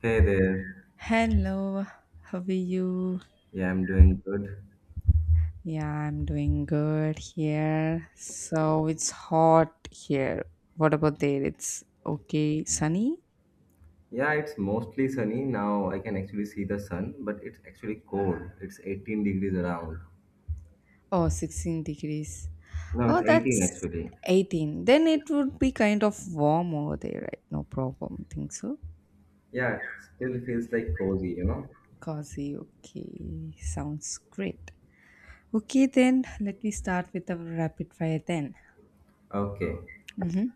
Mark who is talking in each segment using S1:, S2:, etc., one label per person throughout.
S1: Hey there.
S2: Hello, how are you?
S1: Yeah, I'm doing good.
S2: Yeah, I'm doing good here. So it's hot here. What about there? It's okay, sunny?
S1: Yeah, it's mostly sunny now. I can actually see the sun, but it's actually cold. It's 18 degrees around.
S2: Oh, 16 degrees.
S1: No, it's
S2: Oh,
S1: 18
S2: that's
S1: actually.
S2: 18. Then it would be kind of warm over there, right? No problem. Think so?
S1: Yeah, still feels cozy, you know?
S2: Cozy, okay. Sounds great. Okay, then let me start with our rapid fire then.
S1: Okay.
S2: Mm-hmm.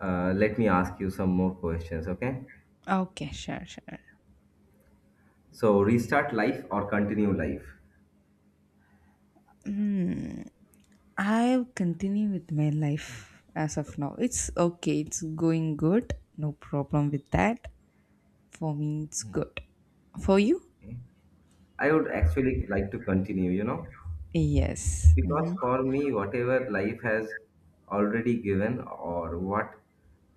S1: Let me ask you some more questions, okay?
S2: Okay, sure, sure.
S1: So, restart life or continue life?
S2: Hmm. I continue with my life as of now. It's okay. It's going good. No problem with that. For me, it's good. For you?
S1: Okay. I would actually like to continue, you know?
S2: Yes.
S1: Because
S2: Mm-hmm.
S1: for me, whatever life has already given or what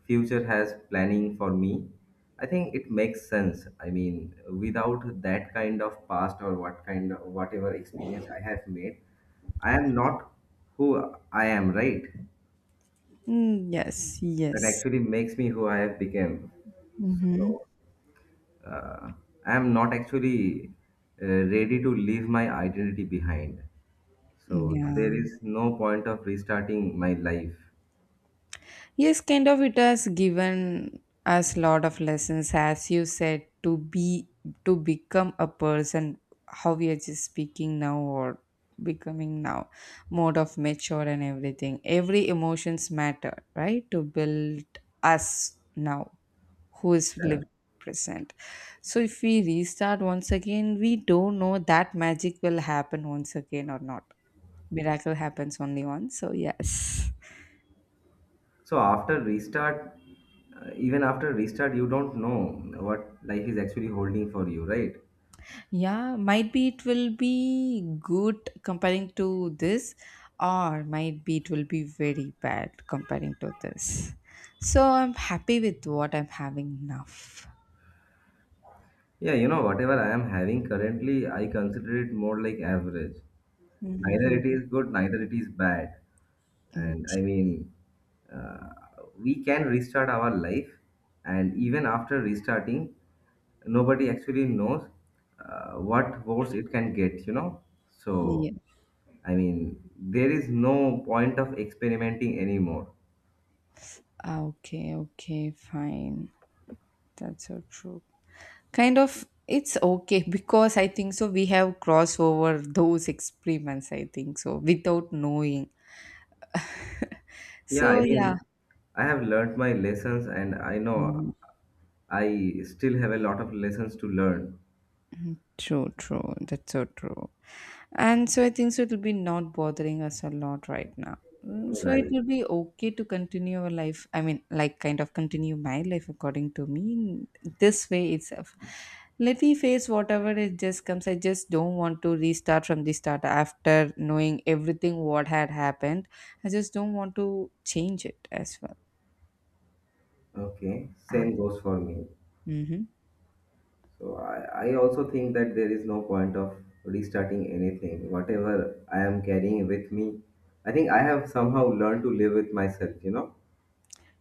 S1: future has planning for me, I think it makes sense. I mean, without that kind of past or what kind of whatever experience I have made, I am not who I am, right?
S2: Mm, yes.
S1: That
S2: Yes.
S1: actually makes me who I have become.
S2: Mm-hmm.
S1: So uh, I am not actually ready to leave my identity behind. So there
S2: Yeah.
S1: is no point of restarting my life.
S2: Yes, kind of it has given us lot of lessons, as you said, to be to become a person, how we are just speaking now or becoming now, mode of mature and everything. Every emotions matter, right? To build us now, who is
S1: Yeah.
S2: living present. So if we restart once again, we don't know that magic will happen once again or not. Miracle happens only once. So yes.
S1: So after restart, even after restart, you don't know what life is actually holding for you, right?
S2: Yeah, might be it will be good comparing to this, or might be it will be very bad comparing to this. So I'm happy with what I'm having now.
S1: Yeah, you know, whatever I am having currently, I consider it more like average. Neither it
S2: Mm-hmm.
S1: is good, neither it is bad. And I mean, uh, we can restart our life, and even after restarting, nobody actually knows what worse it can get, you know? So,
S2: Yeah.
S1: I mean, there is no point of experimenting anymore.
S2: Ah, okay, okay, fine. That's so true. Kind of, it's okay because I think so. We have crossed over those experiments, I think so, without knowing.
S1: Yeah,
S2: So,
S1: I
S2: yeah.
S1: mean, I have learned my lessons and I know
S2: Mhm.
S1: I still have a lot of lessons to learn.
S2: True, true. That's so true. And so I think so it'll be not bothering us a lot right now. Mm, so it
S1: Right.
S2: will be okay to continue our life. I mean, like kind of continue my life according to me in this way itself. Let me face whatever it just comes. I just don't want to restart from the start after knowing everything what had happened. I just don't want to change it as well.
S1: Okay.
S2: Ow.
S1: Same goes for me.
S2: Hmm.
S1: So I also think that there is no point of restarting anything. Whatever I am carrying with me, I think I have somehow learned to live with myself, you know?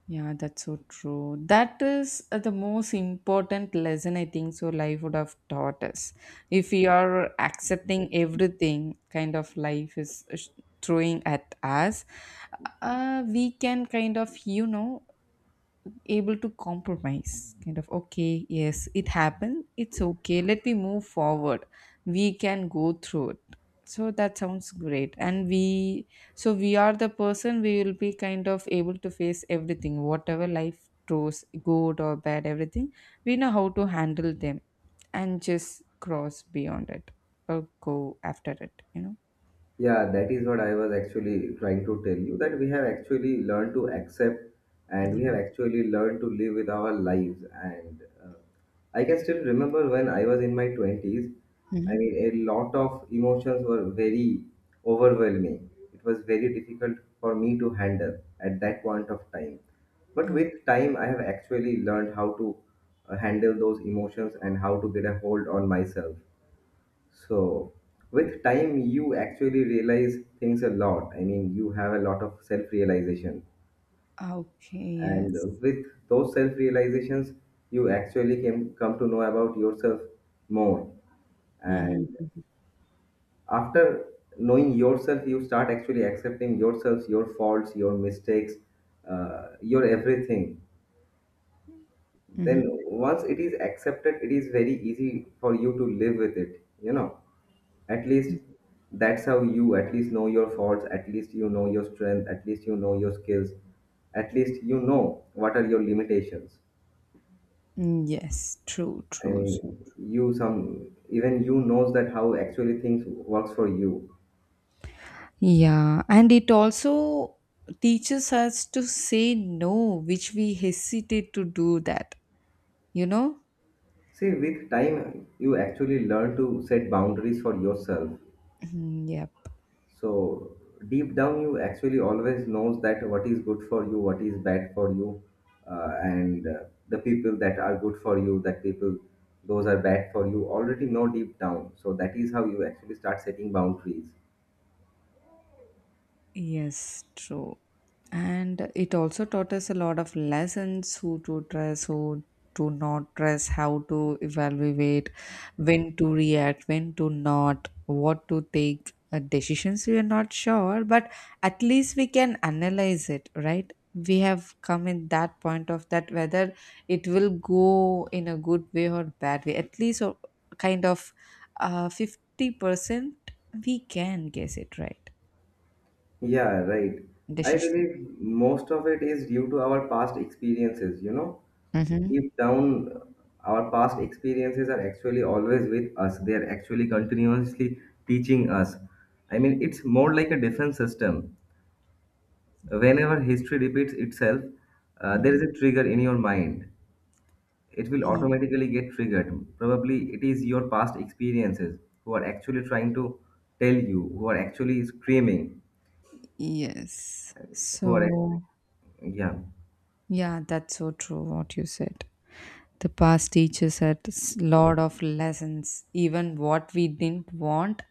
S2: Yeah, that's so true. That is the most important lesson I think so life would have taught us. If we are accepting everything kind of life is throwing at us, we can kind of, you know, able to compromise kind of, okay, yes, it happened, it's okay, let me move forward, we can go through it, so that sounds great, and we, so we are the person, we will be kind of able to face everything whatever life throws, good or bad, everything we know how to handle them and just cross beyond it or go after it, you know.
S1: Yeah, that is what I was actually trying to tell you that we have actually learned to accept and we have
S2: Mm-hmm.
S1: actually learned to live with our lives. And I can still remember when I was in my 20s. I
S2: Mm-hmm.
S1: mean, a lot of emotions were very overwhelming. It was very difficult for me to handle at that point of time. But
S2: Oh,
S1: with time, I have actually learned how to handle those emotions and how to get a hold on myself. So, with time, you actually realize things a lot. I mean, you have a lot of self realization.
S2: okay,
S1: And
S2: yes.
S1: with those self realizations, you actually can come to know about yourself more. And
S2: Mm-hmm.
S1: after knowing yourself, you start actually accepting yourselves, your faults, your mistakes, your everything. Then,
S2: Mm-hmm.
S1: once it is accepted, it is very easy for you to live with it, you know. At least that's how you at least know your faults, at least you know your strength, at least you know your skills, at least you know what are your limitations.
S2: Mm, yes, true,
S1: I
S2: true. So,
S1: mean, you some even you knows that how actually things works for you.
S2: yeah, and it also teaches us to say no, which we hesitate to do that, you know?
S1: See, with time, you actually learn to set boundaries for yourself.
S2: Mm, yeah.
S1: So deep down, you actually always knows that what is good for you, what is bad for you, and the people that are good for you, that people those are bad for you already know deep down. So that is how you actually start setting boundaries.
S2: Yes, true. And it also taught us a lot of lessons, who to trust, who to not trust, how to evaluate, when to react, when to not, what to take, decisions we are not sure, but at least we can analyze it, right? We have come in that point of that whether it will go in a good way or bad way, at least, or kind of, 50% we can guess it right
S1: Yeah, right. I
S2: decision.
S1: believe most of it is due to our past experiences. You know,
S2: Mhm.
S1: deep down, our past experiences are actually always with us. They are actually continuously teaching us. I mean, it's more like a defense system. Whenever history repeats itself, there
S2: Mhm.
S1: is a trigger in your mind. It will
S2: Y-
S1: automatically get triggered. Probably it is your past experiences who are actually trying to tell you, who are actually screaming,
S2: Yes.
S1: who are, act-
S2: So,
S1: yeah.
S2: yeah, that's so true what you said. The past teaches us a lot of lessons, even what we didn't want,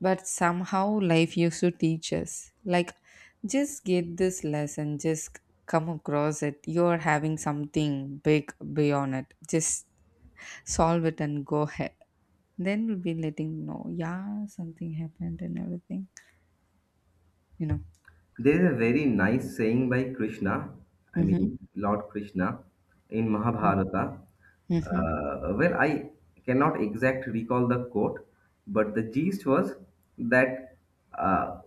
S2: but somehow life used to teach us. Like, just get this lesson, just come across it. You're having something big beyond it. Just solve it and go ahead. Then we'll be letting know, yeah, something happened and everything, you know.
S1: There's a very nice saying by Krishna, I
S2: Mm-hmm.
S1: mean Lord Krishna, in Mahabharata.
S2: Mm-hmm.
S1: Well, I cannot exact recall the quote, but the gist was that uh,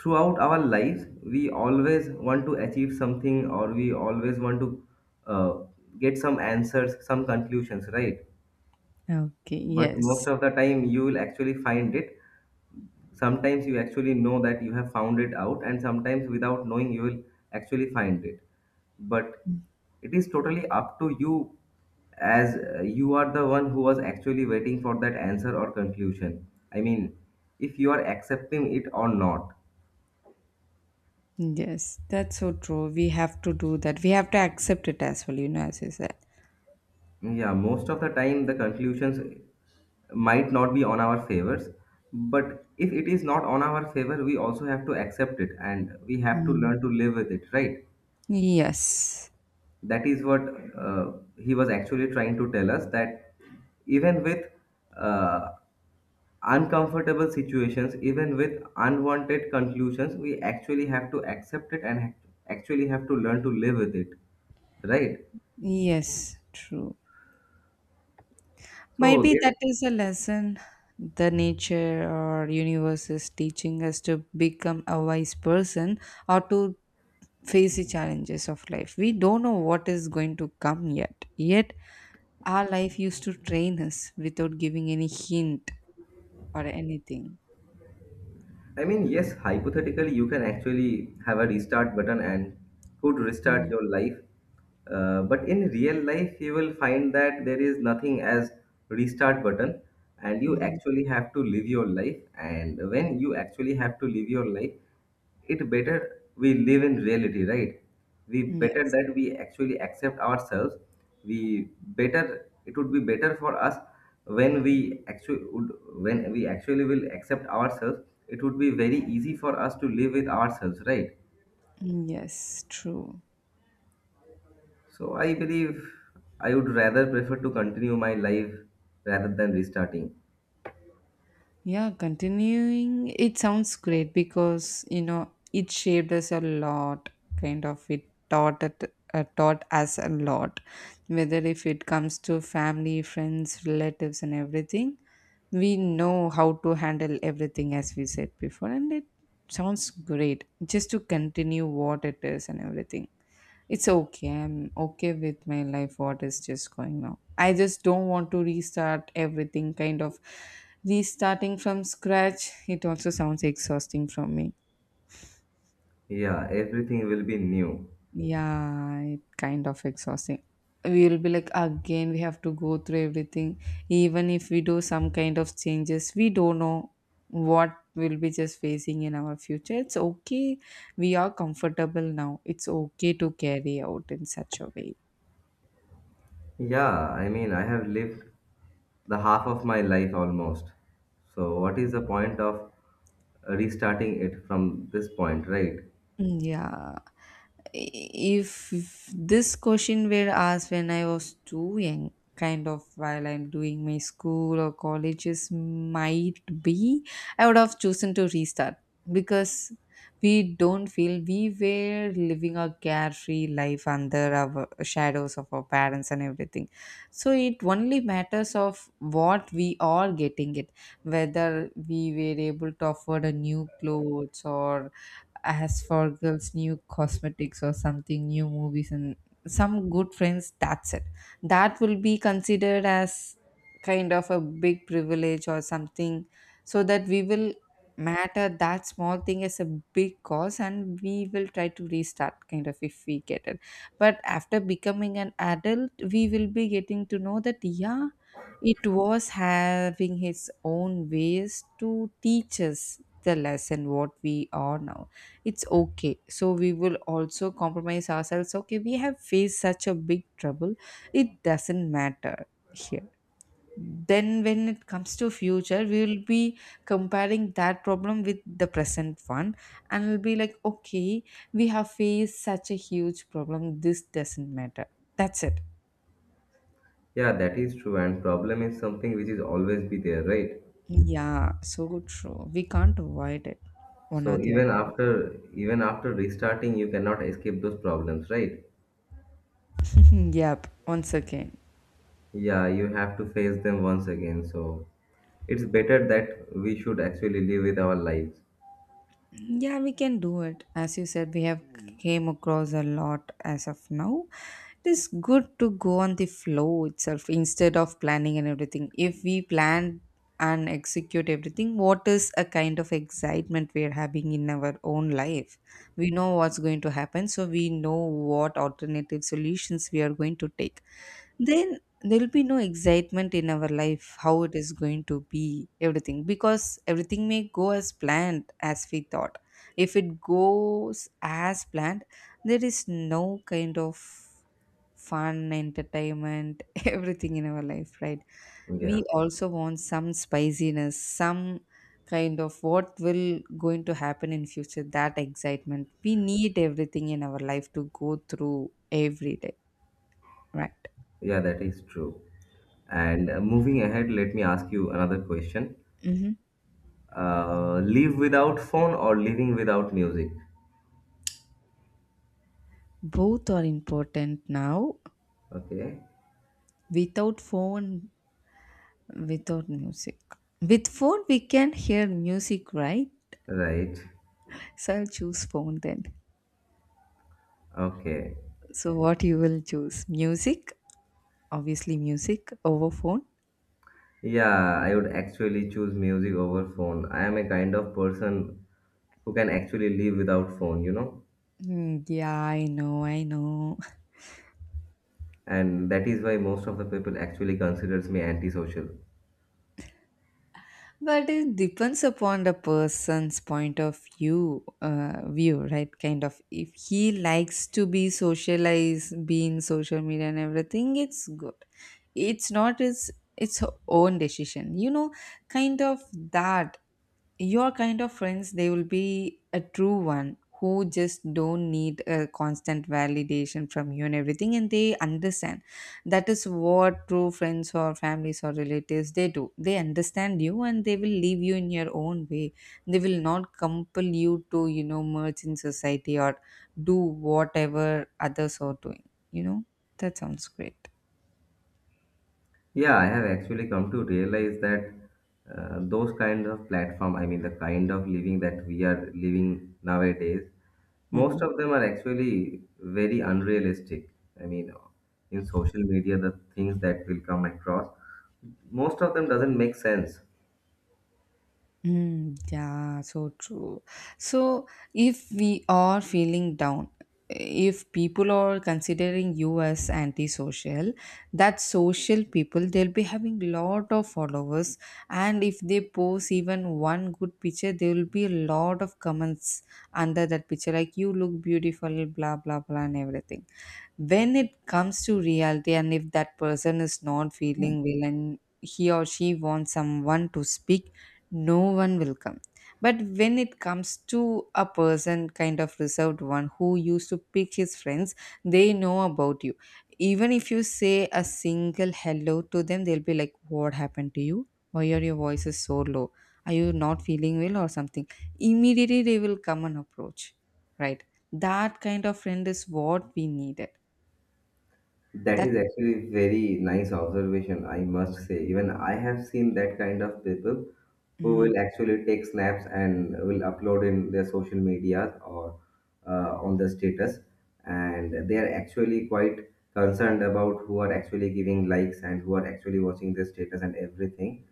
S1: throughout our lives we always want to achieve something or we always want to uh, get some answers, some conclusions, right?
S2: Okay,
S1: But
S2: yes.
S1: most of the time you will actually find it, sometimes you actually know that you have found it out and sometimes without knowing you will actually find it, but it is totally up to you as you are the one who was actually waiting for that answer or conclusion. I mean, if you are accepting it or not.
S2: Yes, that's so true. We have to do that. We have to accept it as well, you know, as you said.
S1: Yeah, most of the time the conclusions might not be on our favors, but if it is not on our favor we also have to accept it and we have to
S2: Mm.
S1: learn to live with it, right?
S2: Yes,
S1: That is what uh, he was actually trying to tell us that even with uh, uncomfortable situations, even with unwanted conclusions, we actually have to accept it and actually have to learn to live with it, right?
S2: yes, true. Might
S1: So
S2: be
S1: there.
S2: that is a lesson the nature or universe is teaching us to become a wise person or to face the challenges of life. We don't know what is going to come yet. Yet, our life used to train us without giving any hint or anything.
S1: I mean, yes, hypothetically, you can actually have a restart button and could restart
S2: Mhm.
S1: your life. But in real life, you will find that there is nothing as restart button, and you
S2: Mhm.
S1: actually have to live your life. And when you actually have to live your life, it better we live in reality, right? We better
S2: Yes,
S1: that we actually accept ourselves, we better it would be better for us when we actually would when we actually will accept ourselves, it would be very easy for us to live with ourselves, right?
S2: yes, true.
S1: So I believe I would rather prefer to continue my life rather than restarting.
S2: Yeah, continuing, it sounds great because, you know, it shaped us a lot, kind of. It, taught us a lot, whether if it comes to family, friends, relatives, and everything. We know how to handle everything, as we said before, and it sounds great just to continue what it is and everything. It's okay. I'm okay with my life, what is just going on. I just don't want to restart everything, kind of restarting from scratch. It also sounds exhausting from me.
S1: Yeah, everything will be new.
S2: Yeah, it kind of exhausting. We will be like, again, we have to go through everything. Even if we do some kind of changes, we don't know what we'll be just facing in our future. It's okay. We are comfortable now. It's okay to carry out in such a way.
S1: Yeah, I mean, I have lived the half of my life almost. So, what is the point of restarting it from this point, right?
S2: Mm, yeah. I- If this question were asked when I was too young, kind of while I'm doing my school or colleges, might be, I would have chosen to restart because we don't feel we were living a carefree life under our shadows of our parents and everything. So it only matters of what we are getting it, whether we were able to afford a new clothes, or as for girls new cosmetics or something, new movies and some good friends, that's it, that will be considered as kind of a big privilege or something, so that we will matter that small thing as a big cause and we will try to restart kind of if we get it. But after becoming an adult we will be getting to know that, yeah, it was having his own ways to teach us the lesson what we are now. It's okay, so we will also compromise ourselves. So, okay, we have faced such a big trouble, it doesn't matter here, then when it comes to future we will be comparing that problem with the present one and we'll be like, okay, we have faced such a huge problem, this doesn't matter, that's it.
S1: Yeah, that is true. And problem is something which is always be there, right?
S2: Yeah, so true, we can't avoid it, one or
S1: So
S2: the other way.
S1: even after restarting, you cannot escape those problems, right?
S2: Yep, once again.
S1: Yeah, you have to face them once again. So it's better that we should actually live with our lives.
S2: Yeah, we can do it. As you said, we have came across a lot as of now, it is good to go on the flow itself instead of planning and everything. If we plan and execute everything, what is a kind of excitement we are having in our own life? We know what's going to happen, so we know what alternative solutions we are going to take, then there will be no excitement in our life how it is going to be everything, because everything may go as planned as we thought. If it goes as planned, there is no kind of fun, entertainment, everything in our life, right?
S1: Yeah,
S2: We also want some spiciness, some kind of what will going to happen in future, that excitement. We need everything in our life to go through every day, right?
S1: yeah, that is true. And moving ahead, let me ask you another question.
S2: Hmm.
S1: Live without phone or living without music.
S2: Both are important now.
S1: Okay.
S2: Without phone, without music. With phone, we can hear music, right?
S1: Right.
S2: So I'll choose phone then.
S1: Okay.
S2: So what you will choose? Music, obviously music over phone.
S1: Yeah, I would actually choose music over phone. I am a kind of person who can actually live without phone, you know.
S2: Hmm, yeah, I know, I know.
S1: And that is why most of the people actually considers me antisocial.
S2: But it depends upon the person's point of view, view, right? Kind of, if he likes to be socialized, be in social media and everything, it's good. It's not his, its own decision, you know, kind of that. Your kind of friends, they will be a true one who just don't need a constant validation from you and everything, and they understand. That is what true friends or families or relatives, they do, they understand you and they will leave you in your own way. They will not compel you to, you know, merge in society or do whatever others are doing, you know. That sounds great.
S1: Yeah, I have actually come to realize that those kinds of platform, I mean the kind of living that we are living nowadays, most
S2: Mhm.
S1: of them are actually very unrealistic. I mean, in social media, the things that will come across, most of them doesn't make sense.
S2: Mm, yeah, so true. So, if we are feeling down, if people are considering you as antisocial, that social people they'll be having lot of followers, and if they post even one good picture, there will be a lot of comments under that picture, like you look beautiful, blah blah blah, and everything. When it comes to reality and if that person is not feeling well and he or she wants someone to speak, no one will come. But when it comes to a person kind of reserved one who used to pick his friends, they know about you. Even if you say a single hello to them, they'll be like, what happened to you, why are your voices so low, are you not feeling well or something? Immediately they will come and approach, right? That kind of friend is what we needed.
S1: That
S2: That.
S1: is actually very nice observation, I must say. Even I have seen that kind of people who
S2: Mm-hmm.
S1: will actually take snaps and will upload in their social media or on the status, and they are actually quite concerned about who are actually giving likes and who are actually watching their status and everything.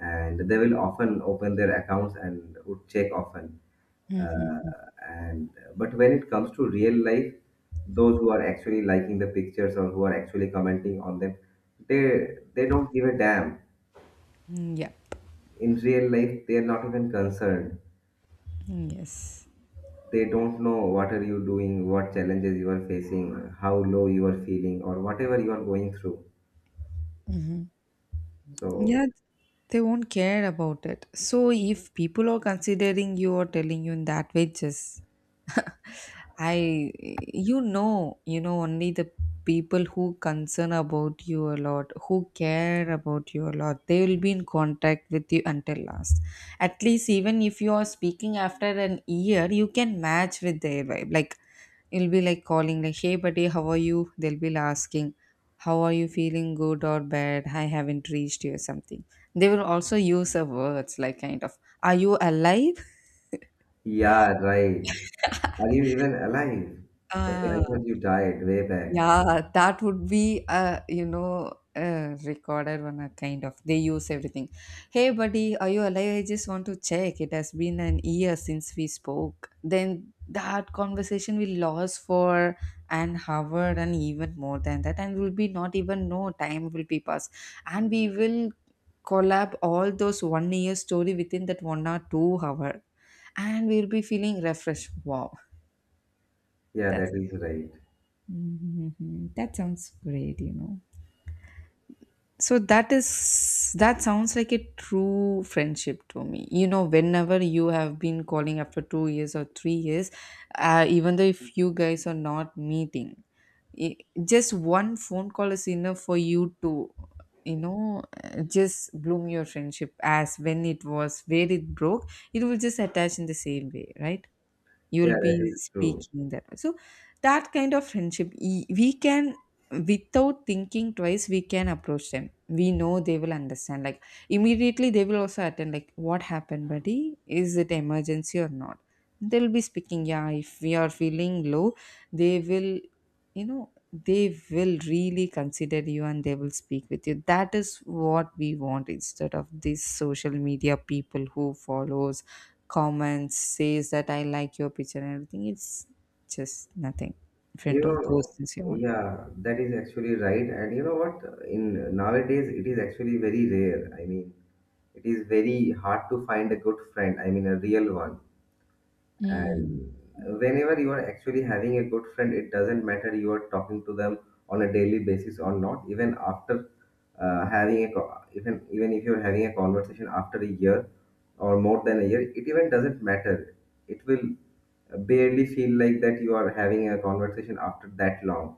S1: And they will often open their accounts and would check often, uh,
S2: Mm-hmm.
S1: and but when it comes to real life, those who are actually liking the pictures or who are actually commenting on them, they they don't give a damn.
S2: Mm, yep.
S1: In real life they are not even concerned.
S2: Yes.
S1: They don't know what are you doing, what challenges you are facing, how low you are feeling or whatever you are going through. So
S2: Yeah, they won't care about it. So if people are considering you or telling you in that way, just I, you know only the people who concern about you a lot, who care about you a lot. They will be in contact with you until last. At least even if you are speaking after an year, you can match with their vibe. Like you'll be like calling like, "Hey buddy, how are you?" They'll be asking, how are you feeling, good or bad? I haven't reached you something. They will also use of words like, kind of, are you alive?
S1: yeah, right. Are you even alive? Okay, I
S2: uh,
S1: thought you died way back.
S2: yeah, that would be recorded one, kind of they use everything. Hey buddy, are you alive? I just want to check, it has been an year since we spoke. Then that conversation will last for an hour and even more than that, and will be not even, no time will be passed, and we will collab all those 1 year story within that 1 or 2 hour, and we'll be feeling refreshed. Wow,
S1: Yeah,
S2: that's
S1: that is right.
S2: Mhm. that sounds great, you know. So that is, that sounds like a true friendship to me. You know, whenever you have been calling after 2 years or 3 years, even though if you guys are not meeting, i- just one phone call is enough for you to, just bloom your friendship. As when it was, where it broke, it will just attach in the same way, right? You'll
S1: Yeah,
S2: be
S1: that is true.
S2: speaking that way. So that kind of friendship, we can, without thinking twice, we can approach them. We know they will understand. Like immediately they will also attend, like what happened buddy, is it emergency or not. They'll be speaking, yeah, if we are feeling low, they will, you know, they will really consider you and they will speak with you. That is what we want, instead of these social media people who follows, comments, says that I like your picture and everything. It's just nothing in
S1: You
S2: front of those
S1: know,
S2: things you want.
S1: yeah, that is actually right. And you know what? In nowadays, it is actually very rare. I mean, it is very hard to find a good friend. I mean, a real one.
S2: Mm.
S1: And whenever you are actually having a good friend, it doesn't matter you are talking to them on a daily basis or not. Even after even if you're having a conversation after a year or more than a year, it even doesn't matter. It will barely feel like that you are having a conversation after that long.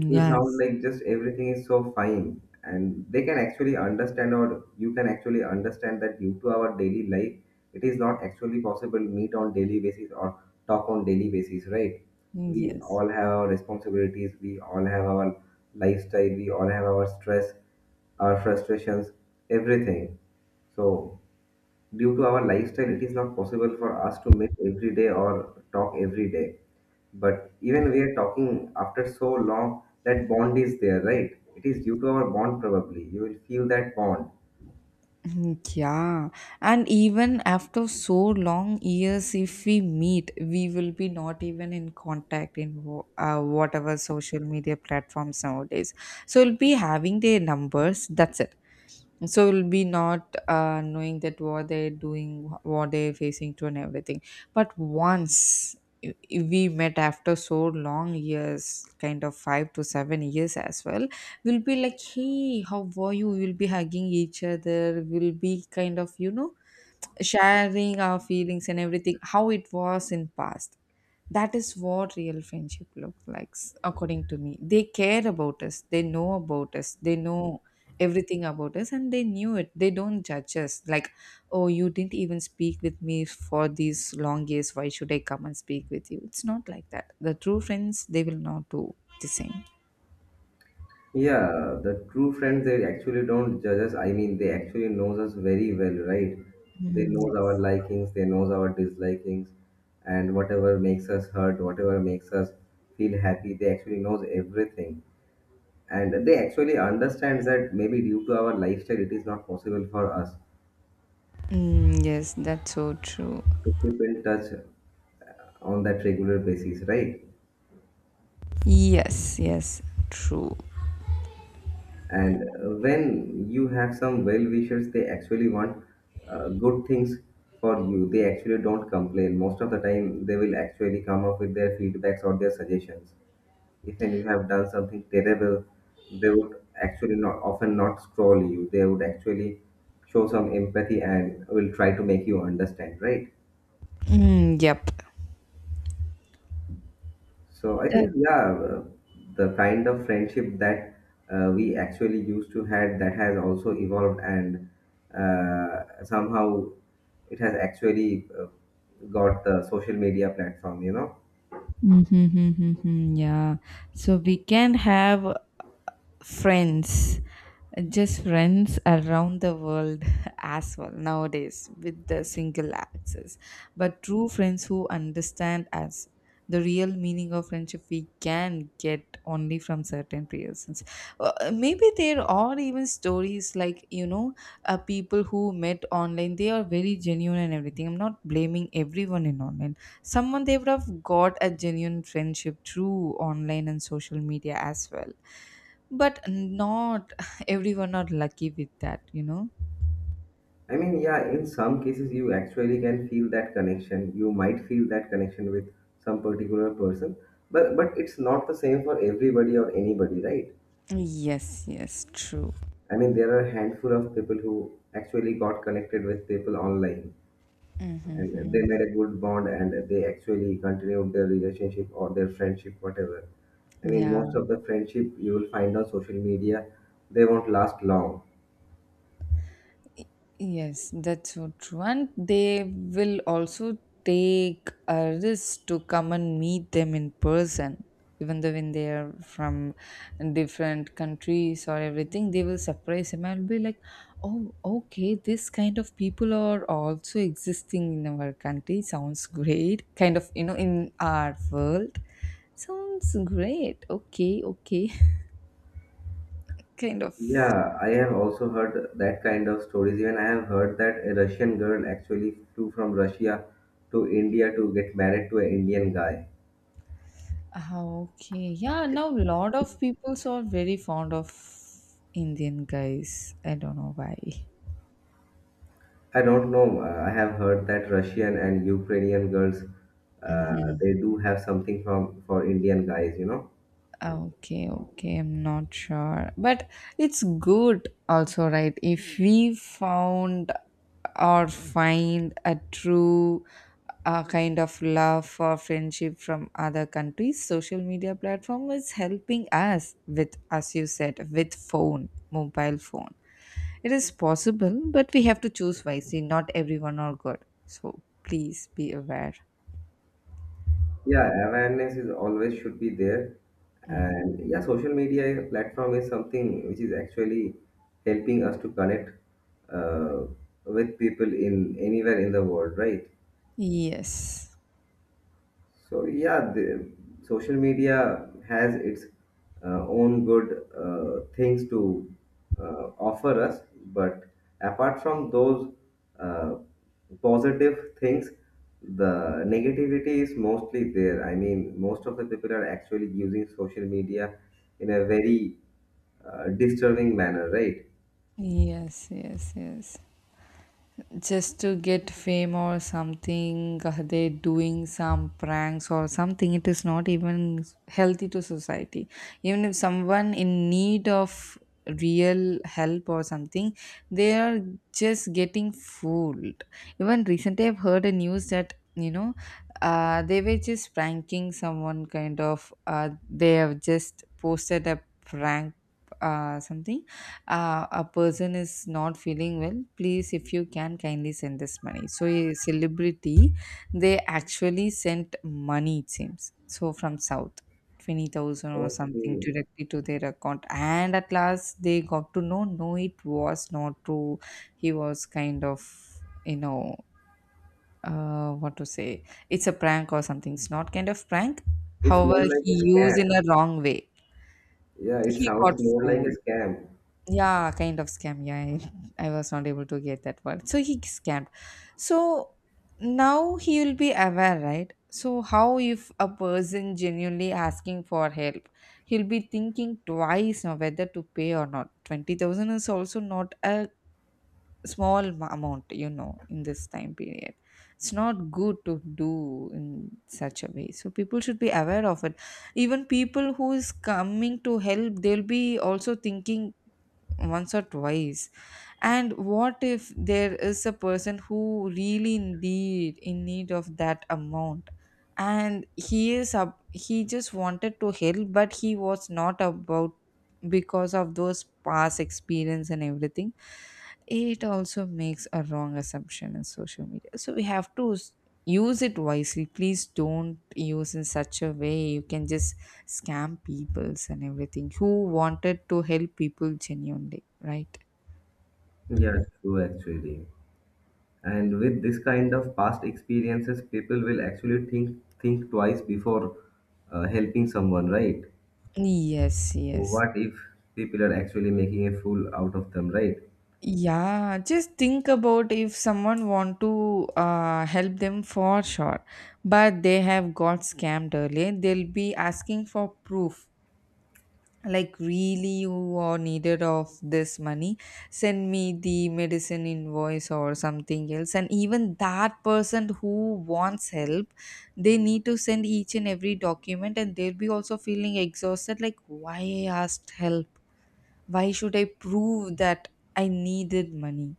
S1: It will sound
S2: Yes.
S1: like just everything is so fine, and they can actually understand, or you can actually understand that due to our daily life, it is not actually possible meet on daily basis or talk on daily basis, right? We
S2: Yes.
S1: all have our responsibilities, we all have our lifestyle, we all have our stress, our frustrations, everything. So, due to our lifestyle, it is not possible for us to meet every day or talk every day. But even we are talking after so long, that bond is there, right? It is due to our bond, probably. You will feel that bond.
S2: Mm, yeah. And even after so long years, if we meet, we will be not even in contact in whatever social media platforms nowadays. So we'll be having their numbers. That's it. So we'll be not knowing that what they're doing, what they're facing to and everything. But once we met after so long years, kind of 5 to 7 years as well, we'll be like, hey how were you? We'll be hugging each other, we'll be kind of, you know, sharing our feelings and everything, how it was in past. That is what real friendship looks like, according to me. They care about us, they know about us, they know everything about us, and they knew it. They don't judge us like, oh you didn't even speak with me for these long years, why should I come and speak with you. It's not like that. The true friends, they will not do the same.
S1: Yeah, the true friends, they actually don't judge us. I mean, they actually knows us very well, right? They
S2: Mm,
S1: knows our
S2: yes.
S1: likings, they knows our dislikings, and whatever makes us hurt, whatever makes us feel happy, they actually knows everything. And they actually understands that maybe due to our lifestyle, it is not possible for us
S2: Mm, yes, that's so true.
S1: to keep in touch on that regular basis, right?
S2: Yes, yes, true.
S1: And when you have some well wishers, they actually want good things for you. They actually don't complain. Most of the time, they will actually come up with their feedbacks or their suggestions. If and you have done something terrible, they would actually not often not scroll you. They would actually show some empathy and will try to make you understand, right?
S2: Mm, yep.
S1: So I
S2: The
S1: think the kind of friendship that we actually used to had that has also evolved and somehow it has actually got the social media platform. You know,
S2: Mm-hmm, yeah. So we can have friends, just friends around the world as well nowadays with the single access. But true friends who understand us, the real meaning of friendship, we can get only from certain persons. Maybe there are even stories, like, you know, people who met online, they are very genuine and everything. I'm not blaming everyone in online. Someone, they would have got a genuine friendship through online and social media as well. But not everyone are lucky with that, you know.
S1: I mean, yeah, in some cases you actually can feel that connection. You might feel that connection with some particular person, but it's not the same for everybody or anybody, right?
S2: Yes, yes, true.
S1: I mean, there are a handful of people who actually got connected with people online, and
S2: Mm-hmm.
S1: they made a good bond and they actually continued their relationship or their friendship whatever. I mean, most
S2: Yeah.
S1: of the friendship you will find on social media, they won't last long.
S2: Yes, that's so true. And they will also take a risk to come and meet them in person, even though when they are from different countries or everything. They will surprise him and be like, oh okay, this kind of people are also existing in our country. Sounds great. Kind of, you know, in our world. Sounds great. Okay, okay. Kind of.
S1: Yeah, I have also heard that kind of stories. Even I have heard that a Russian girl actually flew from Russia to India to get married to an Indian guy.
S2: Ah, okay, yeah, now lot of people are very fond of Indian guys. I don't know why.
S1: I don't know, I have heard that Russian and Ukrainian girls, they do have something from for Indian guys, you know.
S2: Ah, okay, okay, I'm not sure. But it's good also, right? If we found or find a true kind of love or friendship from other countries. Social media platform is helping us with, as you said, with phone, mobile phone. It is possible, but we have to choose wisely. Not everyone are good. So please be aware.
S1: Yeah, awareness is always should be there.
S2: Mm.
S1: And yeah, social media platform is something which is actually helping us to connect uh, with people in anywhere in the world, right?
S2: Yes.
S1: So yeah, the social media has its own good things to offer us, but apart from those uh, positive things, the negativity is mostly there. I mean, most of the people are actually using social media in a very disturbing manner, right?
S2: Yes, yes, yes. Just to get fame or something, they're doing some pranks or something. It is not even healthy to society. Even if someone in need of real help or something, they are just getting fooled. Even recently I've heard a news that, you know, they were just pranking someone, kind of, they have just posted a prank, something, a person is not feeling well, please if you can kindly send this money. So a celebrity, they actually sent money, it seems so, from south, 20,000 or something,
S1: Okay,
S2: directly to their account. And at last they got to know, no it was not true. He was kind of, you know, what to say, it's a prank or something. It's not kind of prank,
S1: it's more
S2: however
S1: like
S2: he
S1: a scam.
S2: used in a wrong way.
S1: Yeah, it
S2: He got
S1: sounds more like a
S2: fooled.
S1: scam.
S2: Yeah, kind of scam. Yeah, I was not able to get that word. So he scammed. So now he will be aware, right? So how, if a person genuinely asking for help, he'll be thinking twice now whether to pay or not. 20,000 is also not a small amount, you know, in this time period. It's not good to do in such a way. So people should be aware of it. Even people who is coming to help, they'll be also thinking once or twice, and what if there is a person who really indeed, in need of that amount, and he is up, he just wanted to help but he was not about, because of those past experience and everything. It also makes a wrong assumption in social media. So we have to use it wisely. Please don't use in such a way, you can just scam peoples and everything who wanted to help people genuinely, right?
S1: Yeah, true actually. And with this kind of past experiences, people will actually think twice before helping someone, right?
S2: Yes, yes.
S1: What if people are actually making a fool out of them, right?
S2: Yeah, just think about if someone want to help them for sure, but they have got scammed earlier, they'll be asking for proof. Like, really you are needed of this money, send me the medicine invoice or something else. And even that person who wants help, they need to send each and every document, and they'll be also feeling exhausted like, why I asked help, why should I prove that I needed money.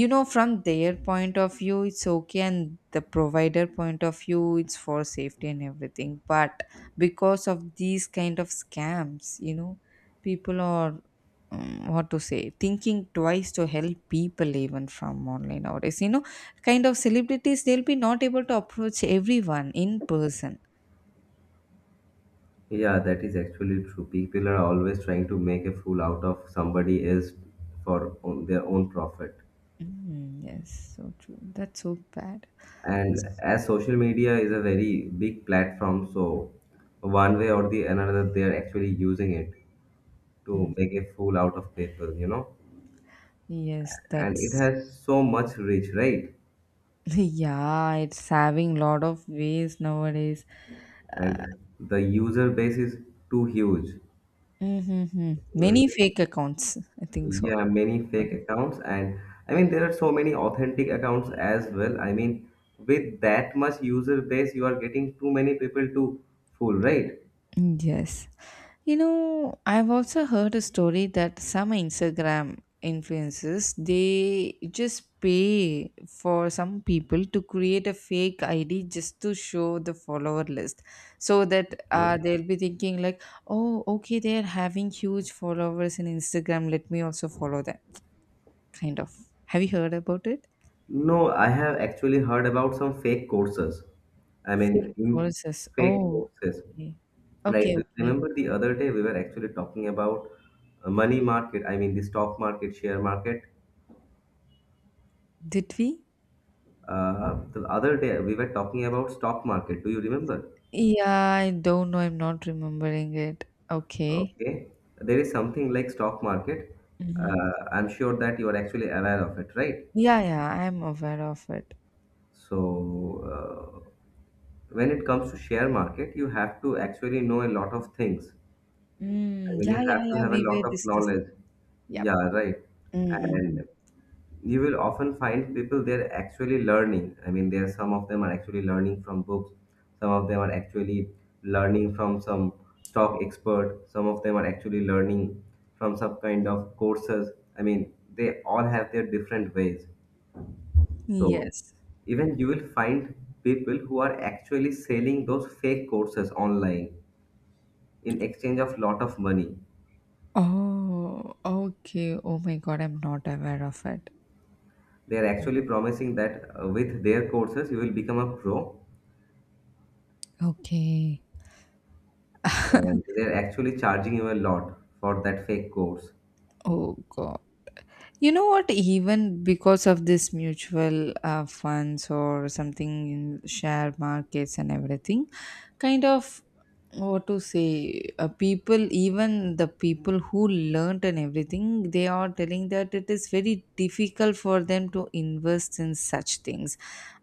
S2: You know, from their point of view it's okay, and the provider point of view it's for safety and everything. But because of these kind of scams, you know, people are, what to say, thinking twice to help people even from online nowadays, you know. Kind of celebrities, they'll be not able to approach everyone in person.
S1: Yeah, that is actually true. People are always trying to make a fool out of somebody else for own, their own profit.
S2: Mm, yes, so true. That's so bad.
S1: And as social media is a very big platform, so one way or the another, they are actually using it to
S2: Mm.
S1: make a fool out of people, you know?
S2: Yes,
S1: And it
S2: that's
S1: has so much reach, right?
S2: yeah, it's having lot of ways nowadays.
S1: And the user base is too huge.
S2: Mm-hmm.
S1: Uh,
S2: Many fake accounts, I think so.
S1: Yeah, many fake accounts, and I mean there are so many authentic accounts as well. I mean, with that much user base, you are getting too many people to fool, right?
S2: Yes. You know, I've also heard a story that some Instagram influencers, they just pay for some people to create a fake ID, just to show the follower list, so that
S1: Okay.
S2: they'll be thinking like, "Oh okay, they're having huge followers in Instagram, let me also follow them." Kind of. Have you heard about it?
S1: No, I have actually heard about some fake courses. I
S2: Fake
S1: mean, in
S2: courses.
S1: fake
S2: Oh,
S1: courses,
S2: okay.
S1: right?
S2: Okay, okay.
S1: Remember the other day we were actually talking about money market. I mean, the stock market, share market.
S2: Did we?
S1: The other day we were talking about stock market. Do you remember?
S2: Yeah, I don't know. I'm not remembering it. Okay.
S1: Okay, there is something like stock market.
S2: Mm-hmm.
S1: I'm sure that you are actually aware of it, right?
S2: Yeah, yeah, I'm aware of it.
S1: So, uh, when it comes to share market, you have to actually know a lot of things. I
S2: Mm,
S1: mean,
S2: yeah,
S1: you
S2: yeah,
S1: have to
S2: yeah.
S1: have a
S2: We
S1: lot
S2: were
S1: of
S2: discussing.
S1: knowledge.
S2: Yep.
S1: Yeah, right.
S2: Mm-mm.
S1: And you will often find people, they're actually learning. I mean, there are some of them are actually learning from books, some of them are actually learning from some stock expert, some of them are actually learning from some kind of courses. I mean, they all have their different ways. So
S2: Yes.
S1: even you will find people who are actually selling those fake courses online in exchange of lot of money.
S2: Oh, okay. Oh my God, I'm not aware of it.
S1: They are actually promising that with their courses you will become a pro,
S2: Okay.
S1: and they're actually charging you a lot for that fake course.
S2: Oh God. You know what? Even because of this mutual funds or something in share markets and everything, kind of, what to say, people, even the people who learnt and everything, they are telling that it is very difficult for them to invest in such things.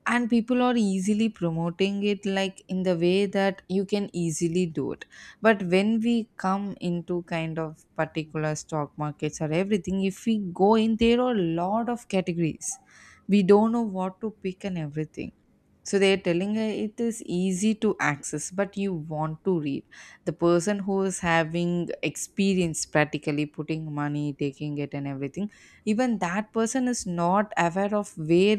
S2: And people are easily promoting it, like in the way that you can easily do it. But when we come into kind of particular stock markets or everything, if we go in, there are a lot of categories, we don't know what to pick and everything. So they're telling her it is easy to access, but you want to read. The person who is having experience, practically putting money, taking it, and everything, even that person is not aware of where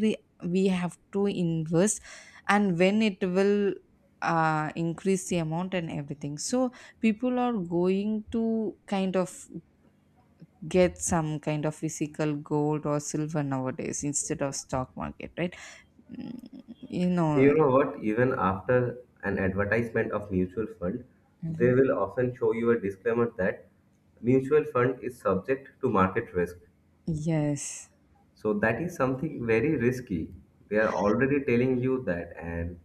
S2: we have to invest, and when it will increase the amount and everything. So people are going to kind of get some kind of physical gold or silver nowadays instead of stock market, right? Mm, you know.
S1: You know what? Even after an advertisement of mutual fund, they will often show you a disclaimer that mutual fund is subject to market risk.
S2: Yes.
S1: So that is something very risky. They are already telling you that. And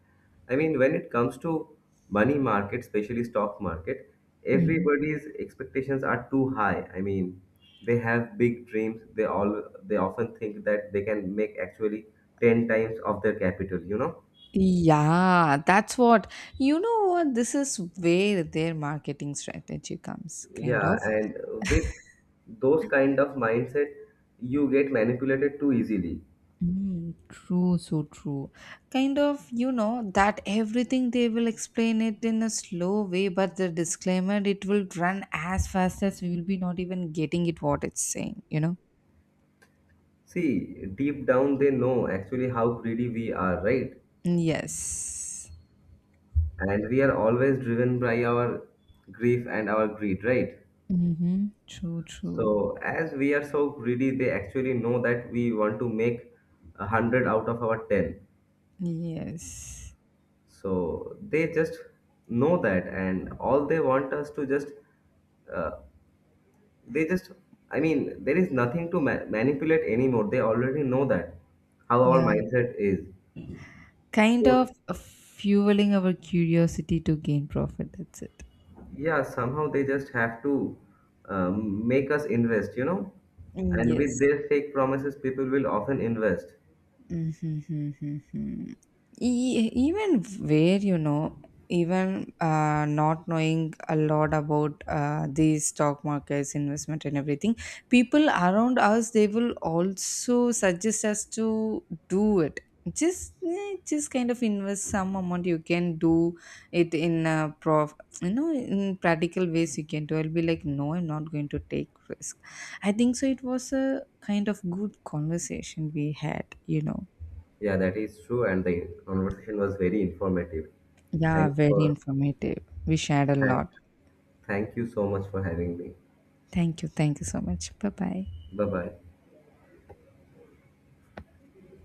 S1: I mean, when it comes to money market, especially stock market,
S2: Mm.
S1: everybody's expectations are too high. I mean, they have big dreams. They often think that they can make actually 10 times of their capital, you know?
S2: Yeah, that's what. You know what, this is where their marketing strategy comes, kind of.
S1: Yeah, and with those kind of mindset, you get manipulated too easily.
S2: Mm, true, so true. Kind of, you know, that everything they will explain it in a slow way, but the disclaimer it will run as fast as, we will be not even getting it what it's saying, you know.
S1: See, deep down they know actually how greedy we are, right?
S2: Yes.
S1: And we are always driven by our grief and our greed, right?
S2: Mm-hmm. True, true.
S1: So as we are so greedy, they actually know that we want to make 100 out of our 10.
S2: Yes.
S1: So they just know that, and all they want us to just uh, they just, I mean, there is nothing to manipulate anymore. They already know that how our
S2: Yeah.
S1: mindset is.
S2: Kind
S1: So
S2: of fueling our curiosity to gain profit. That's it.
S1: yeah, somehow they just have to make us invest, you know.
S2: Mm,
S1: And with
S2: yes.
S1: their fake promises, people will often invest.
S2: Mm-hmm. Even where, you know, even not knowing a lot about these stock markets, investment, and everything, people around us, they will also suggest us to do it. Just, just kind of invest some amount. You can do it in a prof, you know, in practical ways you can do. I'll be like, no I'm not going to take risk. I think so it was a kind of good conversation we had, you know.
S1: Yeah, that is true, and the conversation was very informative.
S2: Yeah,
S1: Thanks
S2: very
S1: for
S2: informative, we shared a
S1: thank,
S2: lot.
S1: thank you so much for having me.
S2: Thank you, thank you so much, bye bye.
S1: Bye bye.